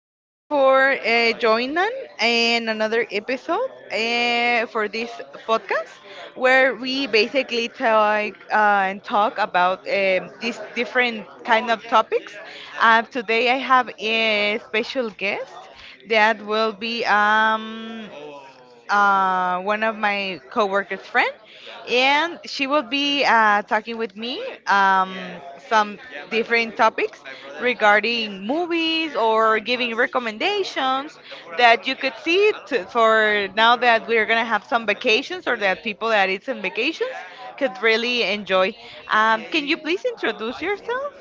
so much for joining in another episode for this podcast, where we basically talk and talk about these different kind of topics. Today, I have a special guest that will be one of my coworkers' friend, and she will be talking with me some different topics regarding movies or giving recommendations that you could see for now that we're gonna have some vacations, or that people that it's in vacations could really enjoy. Can you please introduce yourself?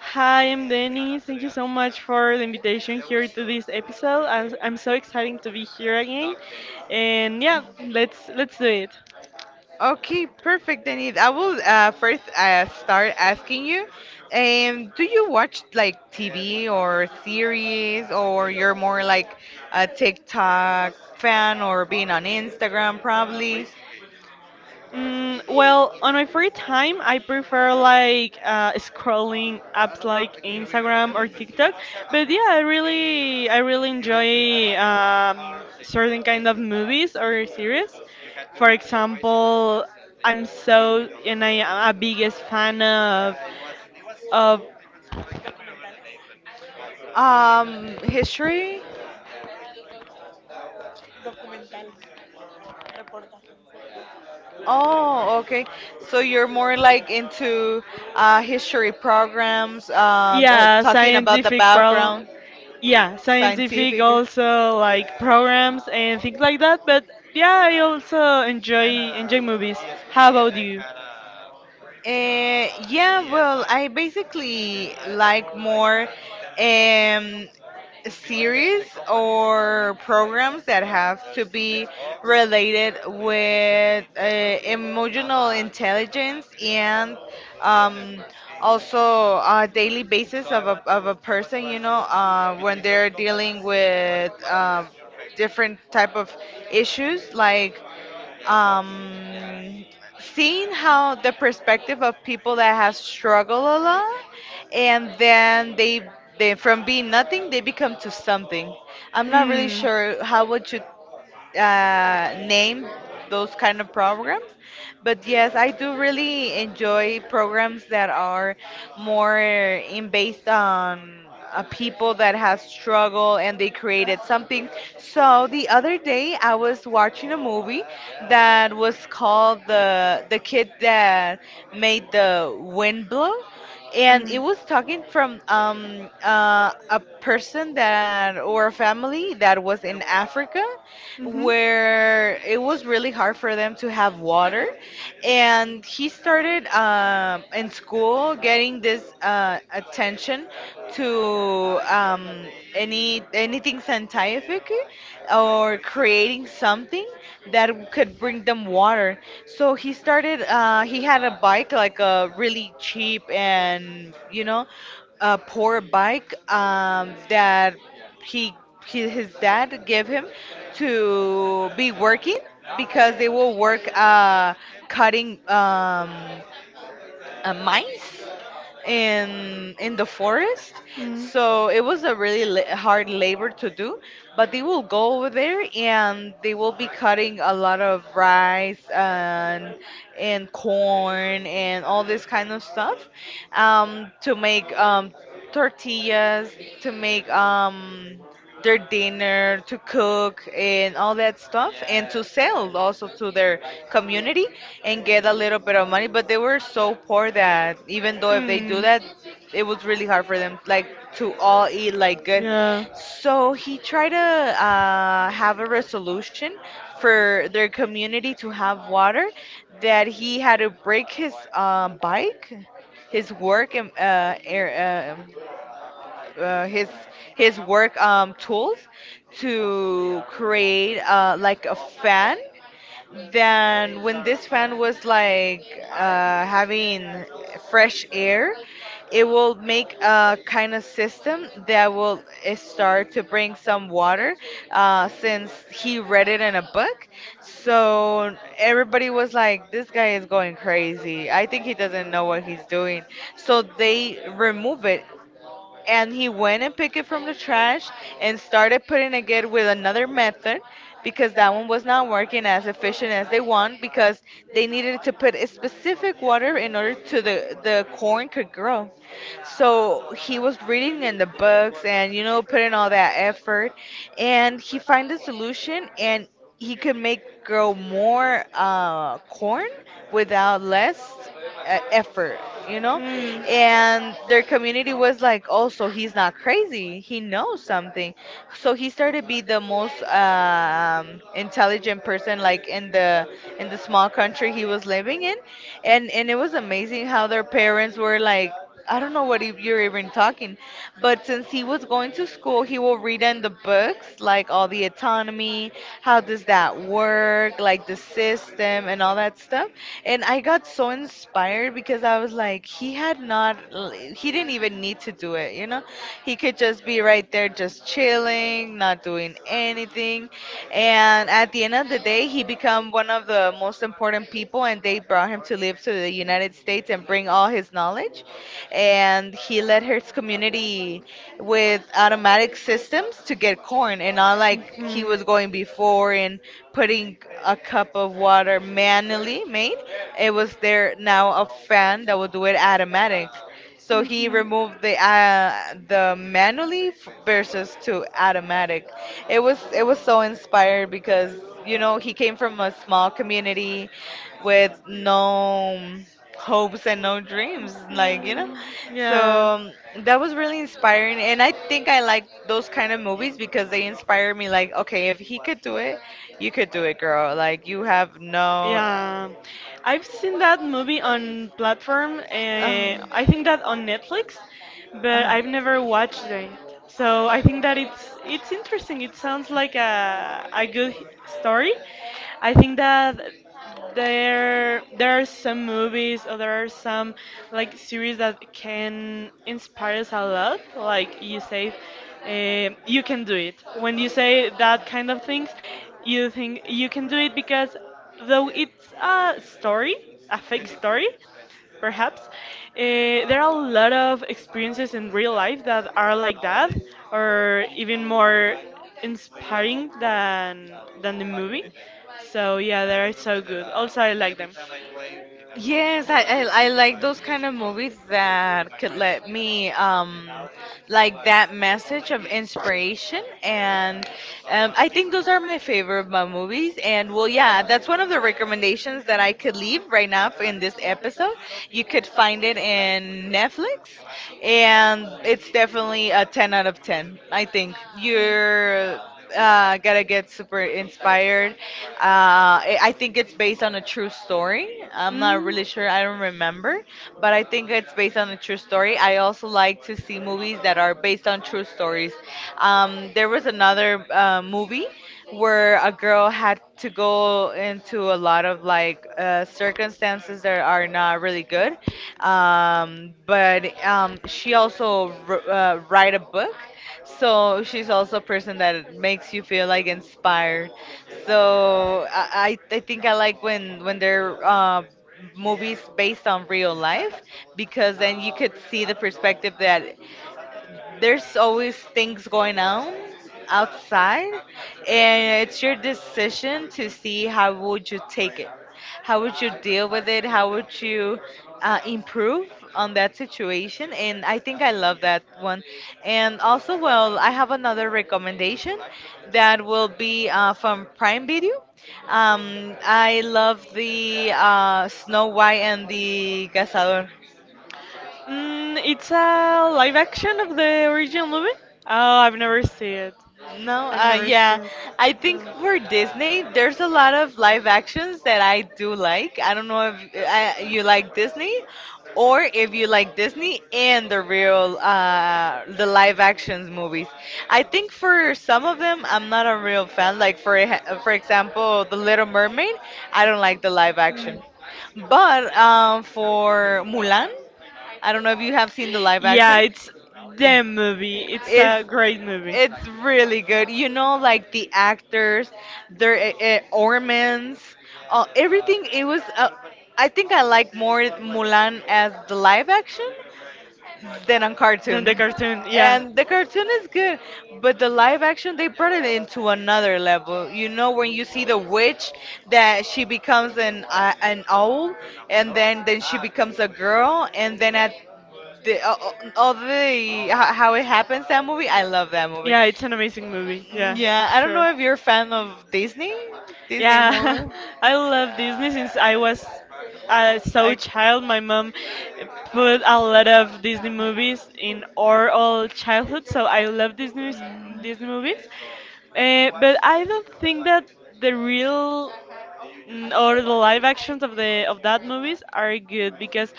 Hi, I'm Denise. Thank you so much for the invitation here to this episode. I'm so excited to be here again. And yeah, let's do it. Okay, perfect, Denise. I will first start asking you, do you watch like TV or series, or you're more like a TikTok fan or being on Instagram probably? Mm, well, on my free time, I prefer like scrolling apps like Instagram or TikTok. But yeah, I really enjoy certain kind of movies or series. For example, I'm so and I am a biggest fan of History? Oh, okay. So you're more like into history programs, about pro. Yeah, talking about the background, like scientific scientific. also, like programs and things like that. But yeah, I also enjoy movies. How about you? Yeah, well, I basically like more um, series or programs that have to be related with emotional intelligence, and um, also a daily basis of a person, when they're dealing with different type of issues, like um, seeing how the perspective of people that have struggled a lot, and then they from being nothing they become to something. I'm not really sure how would you name those kind of programs. But yes, I do really enjoy programs that are more in based on a people that has struggled and they created something. So the other day I was watching a movie that was called the kid that made the wind blow, and it was talking from a person that, or a family that was in Africa, where it was really hard for them to have water. And he started in school, getting this attention to anything scientific, or creating something that could bring them water. So he started. He had a bike, like a really cheap, and, a poor bike that he, he his dad gave him, to be working, because they will work cutting mines in the forest. Mm, So it was a really hard labor to do, but they will go over there and they will be cutting a lot of rice, and corn and all this kind of stuff to make tortillas, to make their dinner, to cook and all that stuff, and to sell also to their community and get a little bit of money. But they were so poor that even though if they do that, it was really hard for them, like, to all eat like good. So he tried to have a resolution for their community to have water. That he had to break his bike, his work, and air, uh, his his work tools to create like a fan. Then when this fan was like having fresh air, it will make a kind of system that will start to bring some water, since he read it in a book. So everybody was like, this guy is going crazy. I think he doesn't know what he's doing. So they remove it, and he went and picked it from the trash and started putting it good with another method, because that one was not working as efficient as they want, because they needed to put a specific water in order to the corn could grow. So he was reading in the books, and, putting all that effort, and he find a solution, and he could make grow more corn without less effort, you know. know? Mm. And their community was like, oh, so he's not crazy. He knows something. So he started to be the most intelligent person, like, in the small country he was living in. And it was amazing how their parents were like, I don't know what you're even talking. But since he was going to school, he will read in the books, like all the autonomy, how does that work, like the system and all that stuff. And I got so inspired, because I was like, he had not, he didn't even need to do it, you know? He could just be right there, just chilling, not doing anything. And at the end of the day, he became one of the most important people, and they brought him to live to the United States and bring all his knowledge. And he led his community with automatic systems to get corn, and not like he was going before and putting a cup of water manually made. It was there now a fan that would do it automatic. So he removed the manually versus to automatic. It was so inspired, because he came from a small community with no hopes and no dreams, like. So that was really inspiring, and I think I like those kind of movies because they inspire me. Like, okay, if he could do it, you could do it, girl. Like, you have no Yeah, I've seen that movie on platform. uh, I think that on Netflix, but uh-huh. I've never watched it. So I think that it's interesting. It sounds like a a good story. I think that there are some movies, or there are some like series that can inspire us a lot, like you say. Um, you can do it. When you say that kind of things, you think you can do it because, though it's a story, a fake story perhaps. Eh, there are a lot of experiences in real life that are like that, or even more inspiring than the movie. So yeah, they are so good. Also, I like them. that um like like that message of inspiration, and I think those are my favorite of my movies, and, well, yeah, that's one of the recommendations that I could leave right now for in this episode. You could find it in Netflix, and it's definitely a 10 out of 10. I think you're gotta get super inspired. I think it's based on a true story. I'm not Mm. really sure. I don't remember, but I think it's based on a true story. I also like to see movies that are based on true stories. There was another movie where a girl had to go into a lot of like circumstances that are not really good. But she also write a book, so she's also a person that makes you feel like inspired. So I think I like when they're movies based on real life, because then you could see the perspective that there's always things going on outside, and it's your decision to see how would you take it, how would you deal with it, how would you improve on that situation. And I think I love that one. And also, well, I have another recommendation that will be from Prime Video. I love the Snow White and the Cazador. Mm, it's a live action of the original movie. Oh, I've never seen it. No, I've never seen yeah. it. I think for Disney, there's a lot of live actions that I do like. I don't know if you like Disney, or if you like Disney and the live actions movies. I think for some of them, I'm not a real fan. Like, for for example, The Little Mermaid, I don't like the live No. Mm. action. But for Mulan, I don't know if you have seen the live Yeah, action. it's them movie. It's It's a great movie. it's really good. You know, like the actors, their ornaments, everything. It was. I think I like more Mulan as the live action than on Then the cartoon. cartoon, yeah. And the cartoon is good, but the live action they brought it into another level. You know, when you see the witch that she becomes an owl, and then she becomes a girl, and then at the all the ho- how it happens that movie. I love that movie. Yeah, it's an amazing movie. Yeah, Yeah, I don't sure. know if you're a fan of Disney Yeah, movies. I love Disney since I was so Like, child. My mom put a lot of Disney movies in our all childhood, so I love Disney mm, Disney movies. But I don't think that the real, or the live actions of the of that movies are good, because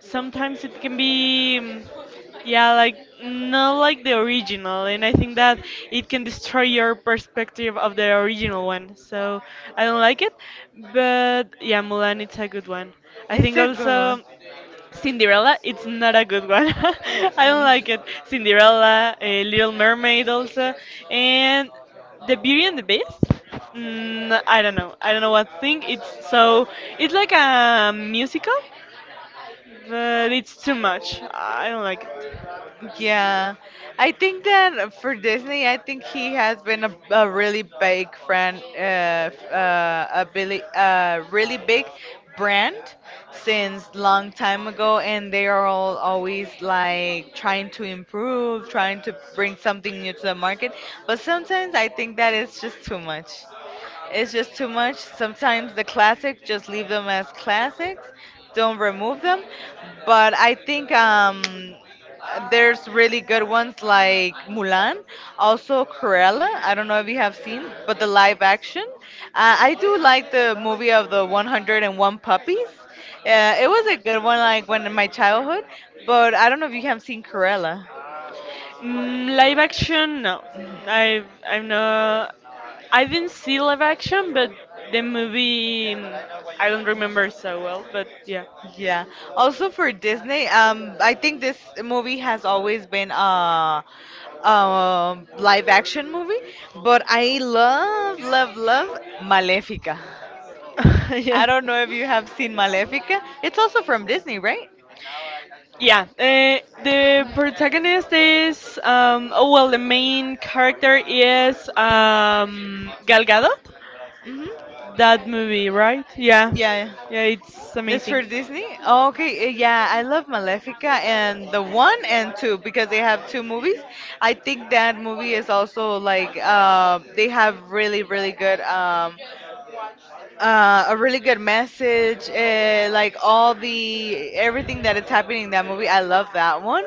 sometimes it can be. Yeah, like not like the original, and I think that it can destroy your perspective of the original one. So I don't like it, but yeah, Mulan it's a good one. I It's think a good one. also Cinderella it's not a good one. I don't like it. Cinderella, Little Mermaid also, and The Beauty and the Beast. Mm. Mm, I don't know. I don't know what thing. It's so, it's like a musical, but it's too much. I don't like it. Yeah, I think that for Disney, I think he has been a really big friend, a really, really big brand since long time ago, and they are all always like trying to improve, trying to bring something new to the market. But sometimes I think that it's just too much. It's just too much. Sometimes the classics, just leave them as classics, don't remove them. But I think, there's really good ones like Mulan, also Cruella. I don't know if you have seen, but the live action. I do like the movie of the 101 Puppies. It was a good one, like, when in my childhood. But I don't know if you have seen Cruella. Mm, live action, no. I I'm not. I didn't see live action, but the movie, I don't remember so well. But yeah, Yeah. Also for Disney, I think this movie has always been a live action movie, but I love, love, love Malefica. yeah, I don't know if you have seen Malefica. It's also from Disney, right? yeah. The protagonist is. Oh well, the main character is Gal Gadot. Hmm. That movie, right? Yeah, Yeah. yeah. It's It's for amazing. Disney? Oh, okay, yeah, I love Malefica and the one and two because they have two movies. I think that movie is also like they have really, really good a really good message. Like, all the everything that is happening in that movie, I love that one.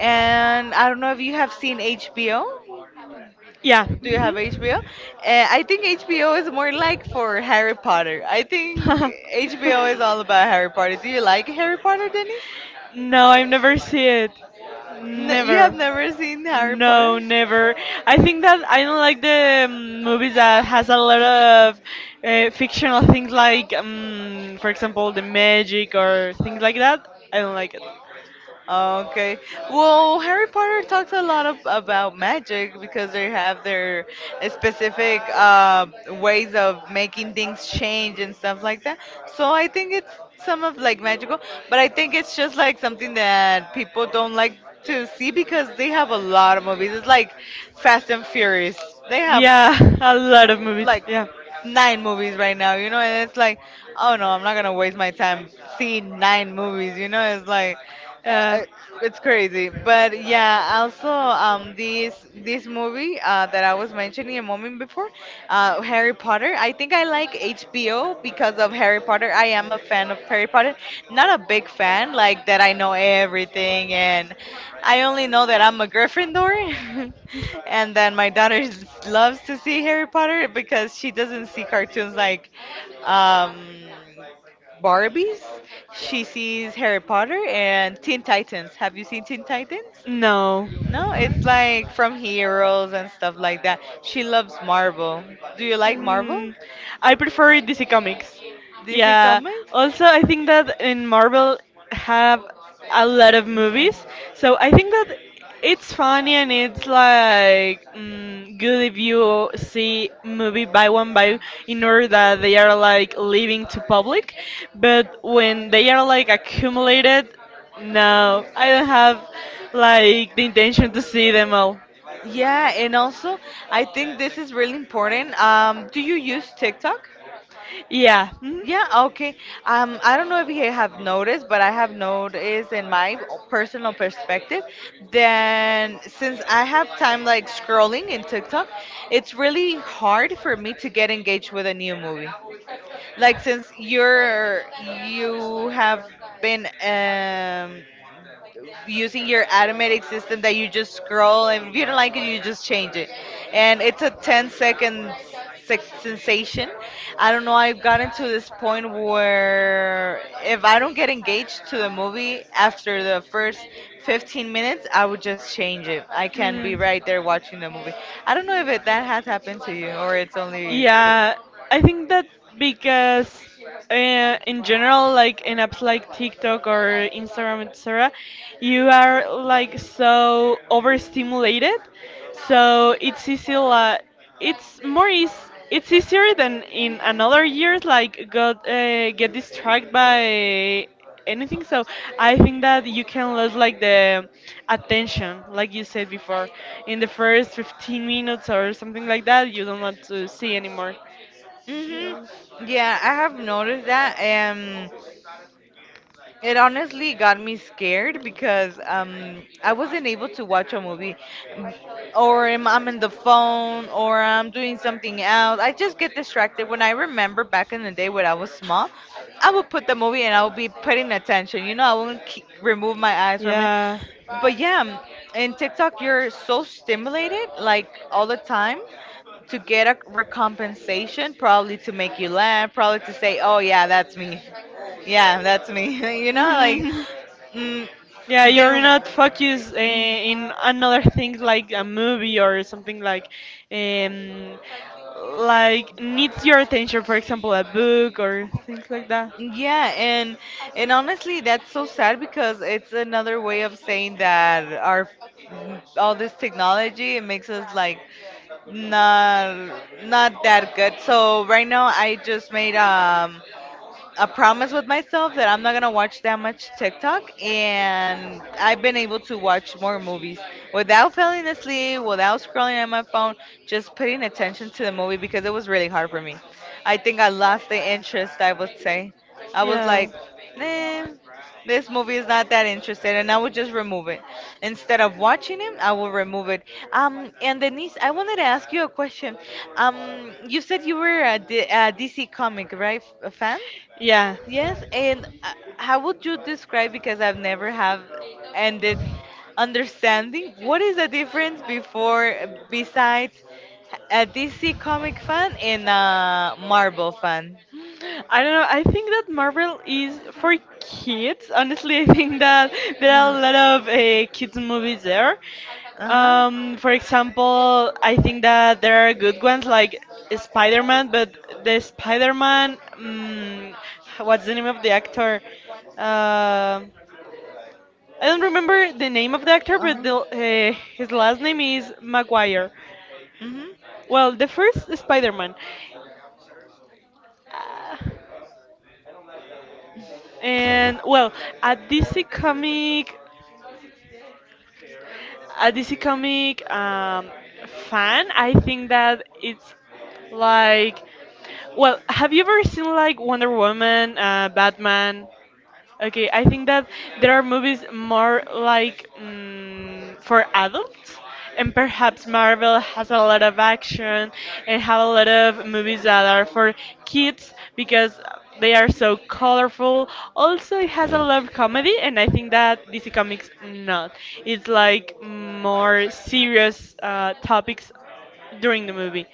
And I don't know if you have seen HBO. Yeah. Do you Mhm. have HBO? I think HBO is more like for Harry Potter. I think HBO is all about Harry Potter. Do you like Harry Potter, Denny? No, I've never see it. N you have Never. never seen Harry No, Potter? never. I think that I don't like the movies that has a lot of fictional things like, for example, the magic or things like that. I don't like it. Okay. Well, Harry Potter talks a lot of, about magic because they have their specific ways of making things change and stuff like that. So I think it's some of like magical, but I think it's just like something that people don't like to see because they have a lot of movies. It's like Fast and Furious. They have Yeah, a lot of movies. like Yeah. nine movies right now, you know, and it's like, oh no, I'm not gonna waste my time seeing nine movies, you know, it's like, Uh, uh, it's crazy. But yeah, also this movie that I was mentioning a moment before, Harry Potter. I think I like HBO because of Harry Potter. I am a fan of Harry Potter. Not a big fan, like that I know everything and I only know that I'm a Gryffindor. And then my loves to see Harry Potter because she doesn't see cartoons like um Barbies. She sees Harry Potter and Teen Titans. Have you seen Teen Titans? no. No, it's like from Heroes and stuff like that. She loves Marvel. Do you like Marvel? Mm, I prefer DC Comics. DC Yeah. Comics? Also, I think that in Marvel have a lot of movies, so I think that it's funny and it's like mm, good if you see movie by one by in order that they are like leaving to public, but when they are like accumulated, no, I don't have like the intention to see them all. Yeah, and also I think this is really important. Do you use TikTok? Yeah, mhm. Yeah, okay. I don't know if you have noticed, but I have noticed in my personal perspective then since I have time like scrolling in TikTok, it's really hard for me to get engaged with a new movie. Like since you have been using your automatic system that you just scroll and if you don't like it you just change it, and it's a ten-second sex sensation. I don't know, I've gotten to this point where if I don't get engaged to the movie after the first 15 minutes I would just change it. I can Hmm. be right there watching the movie. I don't know if that has happened to you or it's only to Yeah, I think that because in general, like in apps like TikTok or Instagram, etc., you are like so overstimulated, so it's easy like, it's more is it's easier than in another years like got get distracted by anything. So I think that you can lose like the attention, like you said before, in the first 15 minutes or something like that. You don't want to see anymore. me. Hmm. Yeah, I have noticed that. It honestly got me scared because I wasn't able to watch a movie, M- or I'm in the phone, or I'm doing something else. I just get distracted. When I remember back in the day when I was small, I would put the movie and I would be paying attention. You know, I wouldn't keep, remove my eyes from it. Yeah. But yeah, in TikTok, you're so stimulated like all the time to get a recompensation, probably to make you laugh, probably to say, "Oh Yeah. yeah, that's me." Yeah, that's me. You know, like, Mhm. mm, Yeah, you're then, not focused in another thing like a movie or something, um, like needs your attention. For example, a book or things like that. yeah, and honestly, that's so sad because it's another way of saying that our all this technology it makes us like not not that good. So right now, I just made a promise with myself that I'm not gonna watch that much TikTok, and I've been able to watch more movies without falling asleep, without scrolling on my phone, just paying attention to the movie because it was really hard for me. I think I lost the interest. I would say, I was Yeah. like, eh, this movie is not that interesting, and I would just remove it instead of watching it. I will remove it. And Denise, I wanted to ask you a question. You said you were a DC comic, right, a fan? Yeah. Yes, and how would you describe, because I've never have ended understanding, what is the difference before, besides a DC comic fan and a Marvel fan? I don't know. I think that Marvel is for kids. Honestly, I think that there are a lot of kids movies there. Uh-huh, For example, I think that there are good ones like Spider-Man, but the Spider-Man, what's the name of the actor? Uh, I don't remember the name of the actor, but uh-huh, the, his last name is Maguire. Well, mm-hmm, the first Spider-Man. Uh, And well, a DC comic, a DC comic fan, I think that it's like, well, have you ever seen like Wonder Woman, Batman? Okay, I think that there are movies more like mm, for adults, and perhaps Marvel has a lot of action and have a lot of movies that are for kids because they are so colorful. Also, it has a lot of comedy, and I think that DC Comics not. It's like more serious topics during the movie.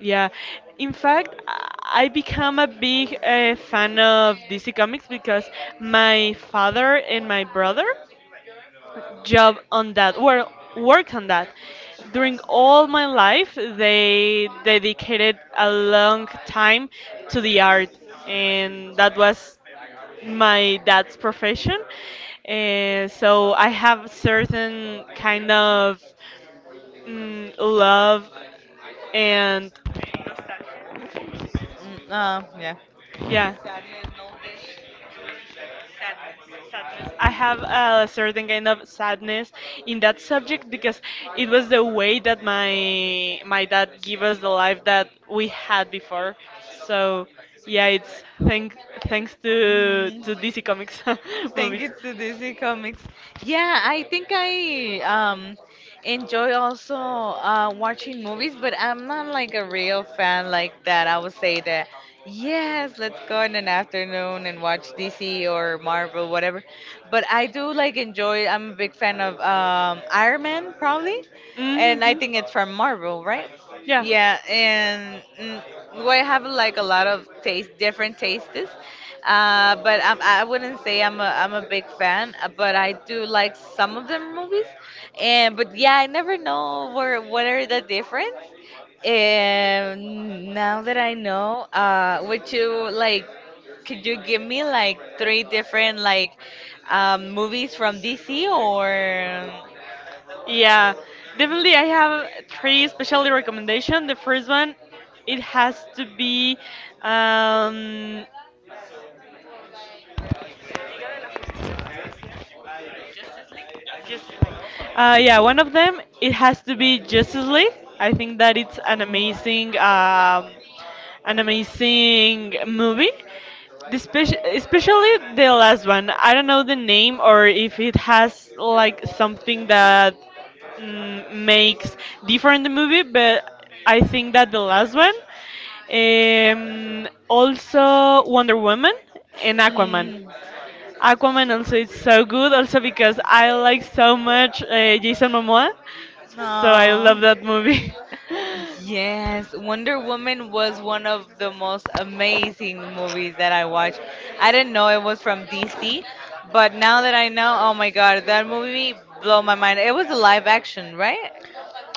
Yeah, in fact, I become a big fan of DC Comics because my father and my brother job on that, well, work on that. During all my life, they dedicated a long time to the art, and that was my dad's profession. And so I have certain kind of mm, love and mm, yeah. I uh, have yeah. a certain kind of sadness in that subject because it was the way that my dad gave us the life that we had before. So yeah, it's thanks to DC Comics Thank movies. you to DC Comics. Yeah, I think I enjoy also watching movies, but I'm not like a real fan like that. I would say that yes, let's go in an afternoon and watch DC or Marvel, whatever. But I do like enjoy. I'm a big fan of Iron Man probably, Mm and I think it's from hmm. Marvel, right? Yeah. Yeah, and mm, we have like a lot of taste, different tastes. But I wouldn't say I'm a big fan, but I do like some of them movies. And but yeah, I never know where what are the difference. And now that I know, would you like, could you give me like three different like movies from DC or? Yeah, definitely. I have three special recommendation. The first one, it has to be um, Just like, yeah, one of them it um, has to be Justice League. I think that it's an amazing movie. Especially the last one. I don't know the name or if it has like something that mm, makes different the movie, but I think that the last one. Also Wonder Woman and Aquaman. Mm. Aquaman also is so good, also because I like so much Jason Momoa, so I Aw. love that movie. Yes, Wonder Woman was one of the most amazing movies that I watched. I didn't know it was from DC, but now that I know, oh my God, that movie blew my mind. It was a live action, right?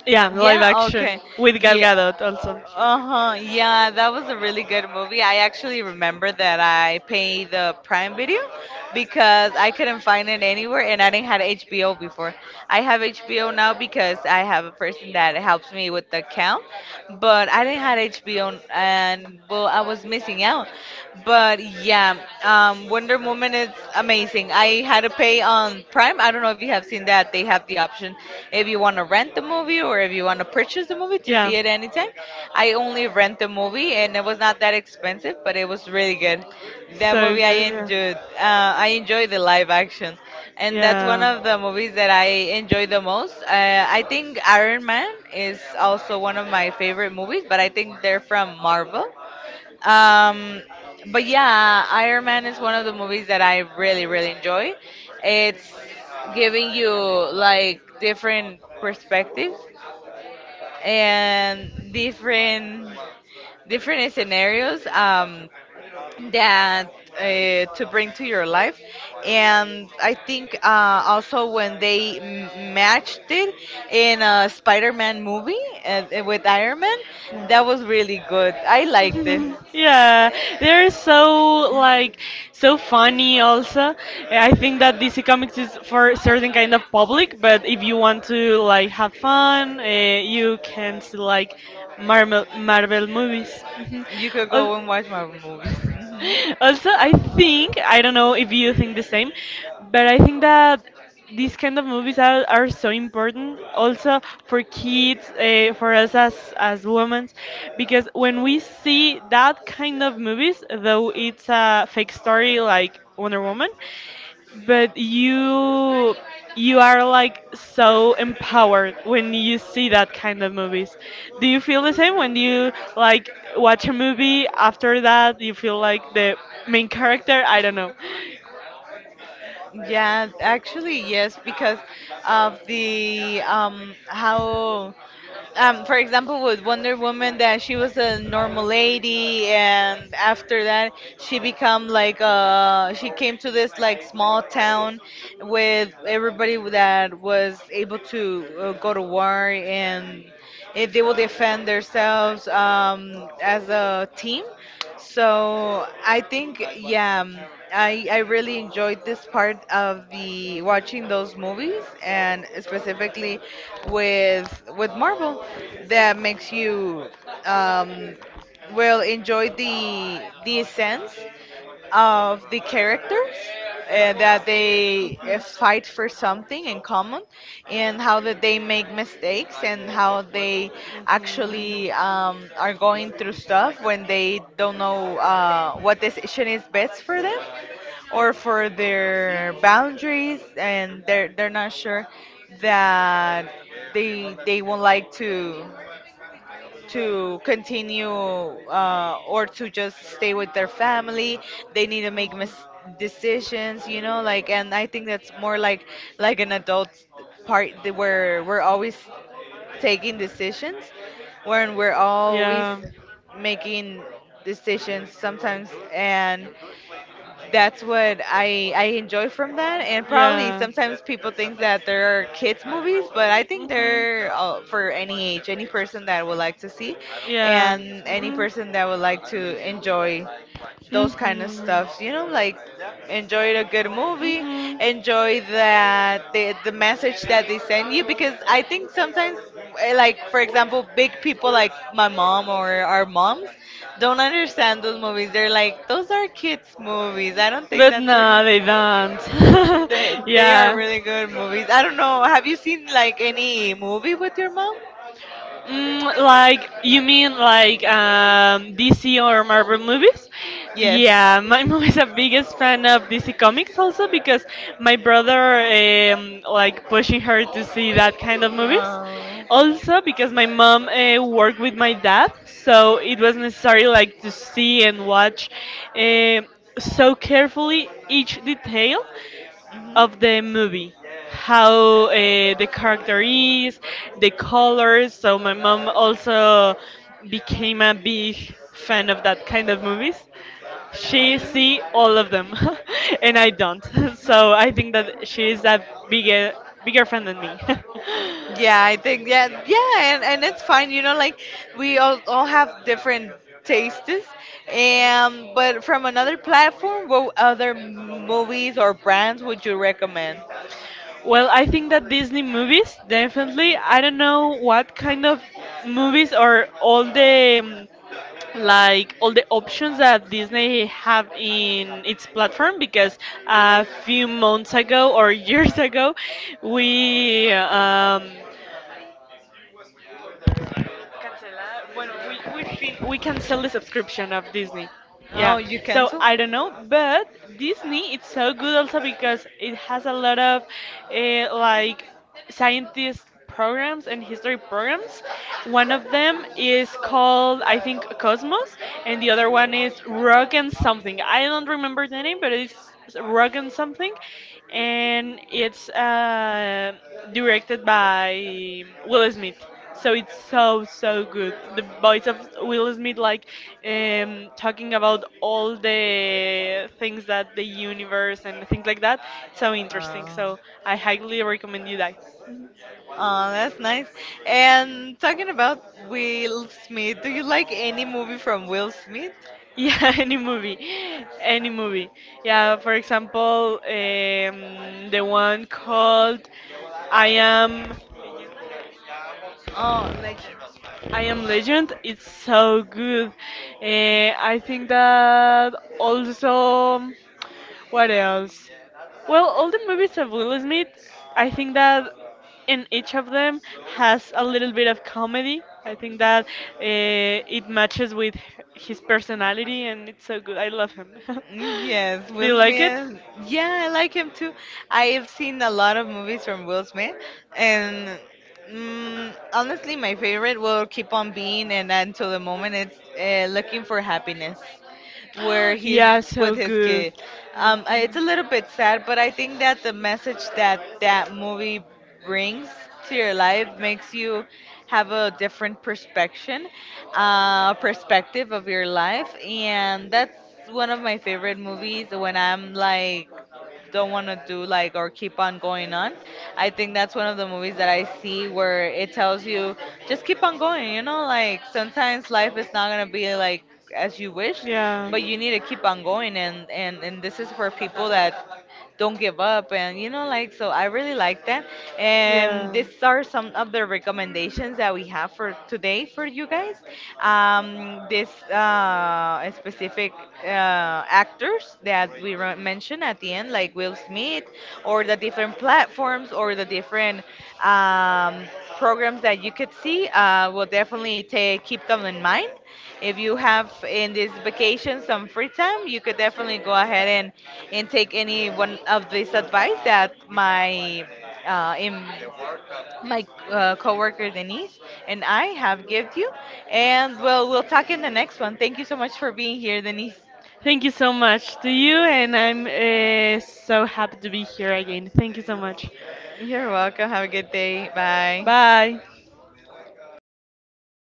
Yeah, live Yeah, action okay. with Gal Yeah. Gadot also. Uh-huh. Yeah, that was a really good movie. I actually remember that I paid the Prime Video because I couldn't find it anywhere and I didn't have HBO before. I have HBO now because I have a person that helps me with the account, but I didn't have HBO and well, I was missing out. But yeah, Wonder Woman is amazing. I had to pay on Prime. I don't know if you have seen that. They have the option if you want to rent the movie or if you want to purchase the movie to see it anytime. I only rent the movie and it was not that expensive, but it was really good. That movie I enjoyed. I enjoy the live action, and that's one of the movies that I enjoy the most. I think Iron Man is also one of my favorite movies, but I think they're from Marvel. Um, but yeah, Iron Man is one of the movies that I really, really enjoy. It's giving you like different perspectives and different scenarios that To to bring to your your life, life. And I think also when they matched it in a Spider-Man movie with Iron Man, that was really good. I like liked it. it. Yeah, they're so like so funny also. I think that DC Comics is for certain kind of public, but if you want to like have fun, you can see like Marvel movies. Mhm. You could go Al- and watch Marvel movies. Also, I think, I don't know if you Hmm. think the same, but I think that these kind of movies are so important also for kids, for us as women, because when we see that kind of movies, though it's a fake story like Wonder Woman, but you are like so empowered when you see that kind of movies. Do you feel the same when you like watch a movie after that you feel like the main character, I don't know. Yeah, actually, yes, because of the how for example with Wonder Woman that she was a normal lady and after that she become like she came to this like small town with everybody that was able to go to war and if they will defend themselves as a team. So I think, yeah, I really enjoyed this part of the watching those movies and specifically with Marvel that makes you um, will enjoy the sense of the characters that they fight for something in common and how that they make mistakes and how they Mhm. actually are going through stuff when they don't know what decision is best for them or for their boundaries and they're not sure that they won't like to continue or to just stay with their family. They need to make decisions, you know, like, and I think that's more like an adult part that where we're always taking Mhm. decisions, when we're Yeah. always making decisions sometimes, and that's what I enjoy from that, and probably Yeah. sometimes people think that there are kids movies, but I think Mhm. they're for any age, any person that would like to see, Yeah. and any Mhm. person that would like to enjoy those kind of Mhm. stuff. You know, like enjoy a good movie, Mhm. enjoy the message that they send you because I think sometimes like for example big people like my mom or our moms don't understand those movies. They're like those are kids movies. I don't think But that's no, really they don't. They are Yeah. really good movies. I don't know. Have you seen like any movie with your mom? Mm, like you mean like DC or Marvel movies? Yes. Yeah, my mom is a biggest fan of DC comics also because my brother like pushing her to see that kind of movies. Oh. Also because my mom worked with my dad, so it was necessary like to see and watch um so carefully each detail Mhm. of the movie, how the character is, the colors. So my mom also became a big fan of that kind of movies. She see all of them and I don't. So I think that she is a bigger bigger fan than me. Yeah, I think yeah, yeah, and it's fine. You know, like we all have different tastes, and but from another platform, what other movies or brands would you recommend? Well, I think that Disney movies, definitely. I don't know what kind of movies or all the like all the options that Disney have in its platform, because a few months ago or years ago we Cancelar. Bueno, we cancel the subscription of Disney. Yeah. Oh, you So cancel? I don't know, but Disney it's so good also because it has a lot of like scientist programs and history programs. One of them is called I think Cosmos, and the other one is Rock and something. I don't remember the name, but it's Rock and something, and it's directed by Will Smith. So it's so so good. The voice of Will Smith, like talking about all the things that the universe and things like that. So interesting. So I highly recommend you that. Mhm. That's nice. And talking about Will Smith, do you like any movie from Will Smith? Yeah, any movie, any movie. Yeah, for example, the one called I am Oh, like I am Legend. It's so good. I think that also. What else? Well, all the movies of Will Smith, I think that in each of them has a little bit of comedy. I think that uh, it matches with his personality and it's so good. I love him. Yes, Do you Will like it? Smith. Yeah, I like him too. I've seen a lot of movies from Will Smith, and mm, honestly, my favorite will keep on being, and until the moment it's Looking for Happiness. Where he's Yeah, with so his good. kid. It's a little bit sad, but I think that the message that that movie brings to your life makes you have a different perspective, perspective of your life, and Mhm. that's one of my favorite movies when I'm like don't want to do like or keep on going on. I think that's one of the movies that I see where it tells you just keep on going, you know, like sometimes life is not going to be like as you wish, but you need to keep on going and this is for people that don't give up and you know like so I really like that. And these are some of the recommendations that we have for today for you guys. This specific actors that we mentioned at the end, like Will Smith, or the different platforms, or the different um, programs that you could see, will definitely take keep them in mind. If you have in this vacation some free time, you could definitely go ahead and take any one of this advice that my in my coworker Denise and I have gift you. And well, we'll talk in the next one. Thank you so much for being here, Denise. Thank you so much to you, and I'm so happy to be here again. Thank you so much. You're welcome. Have a good day. Bye. Bye.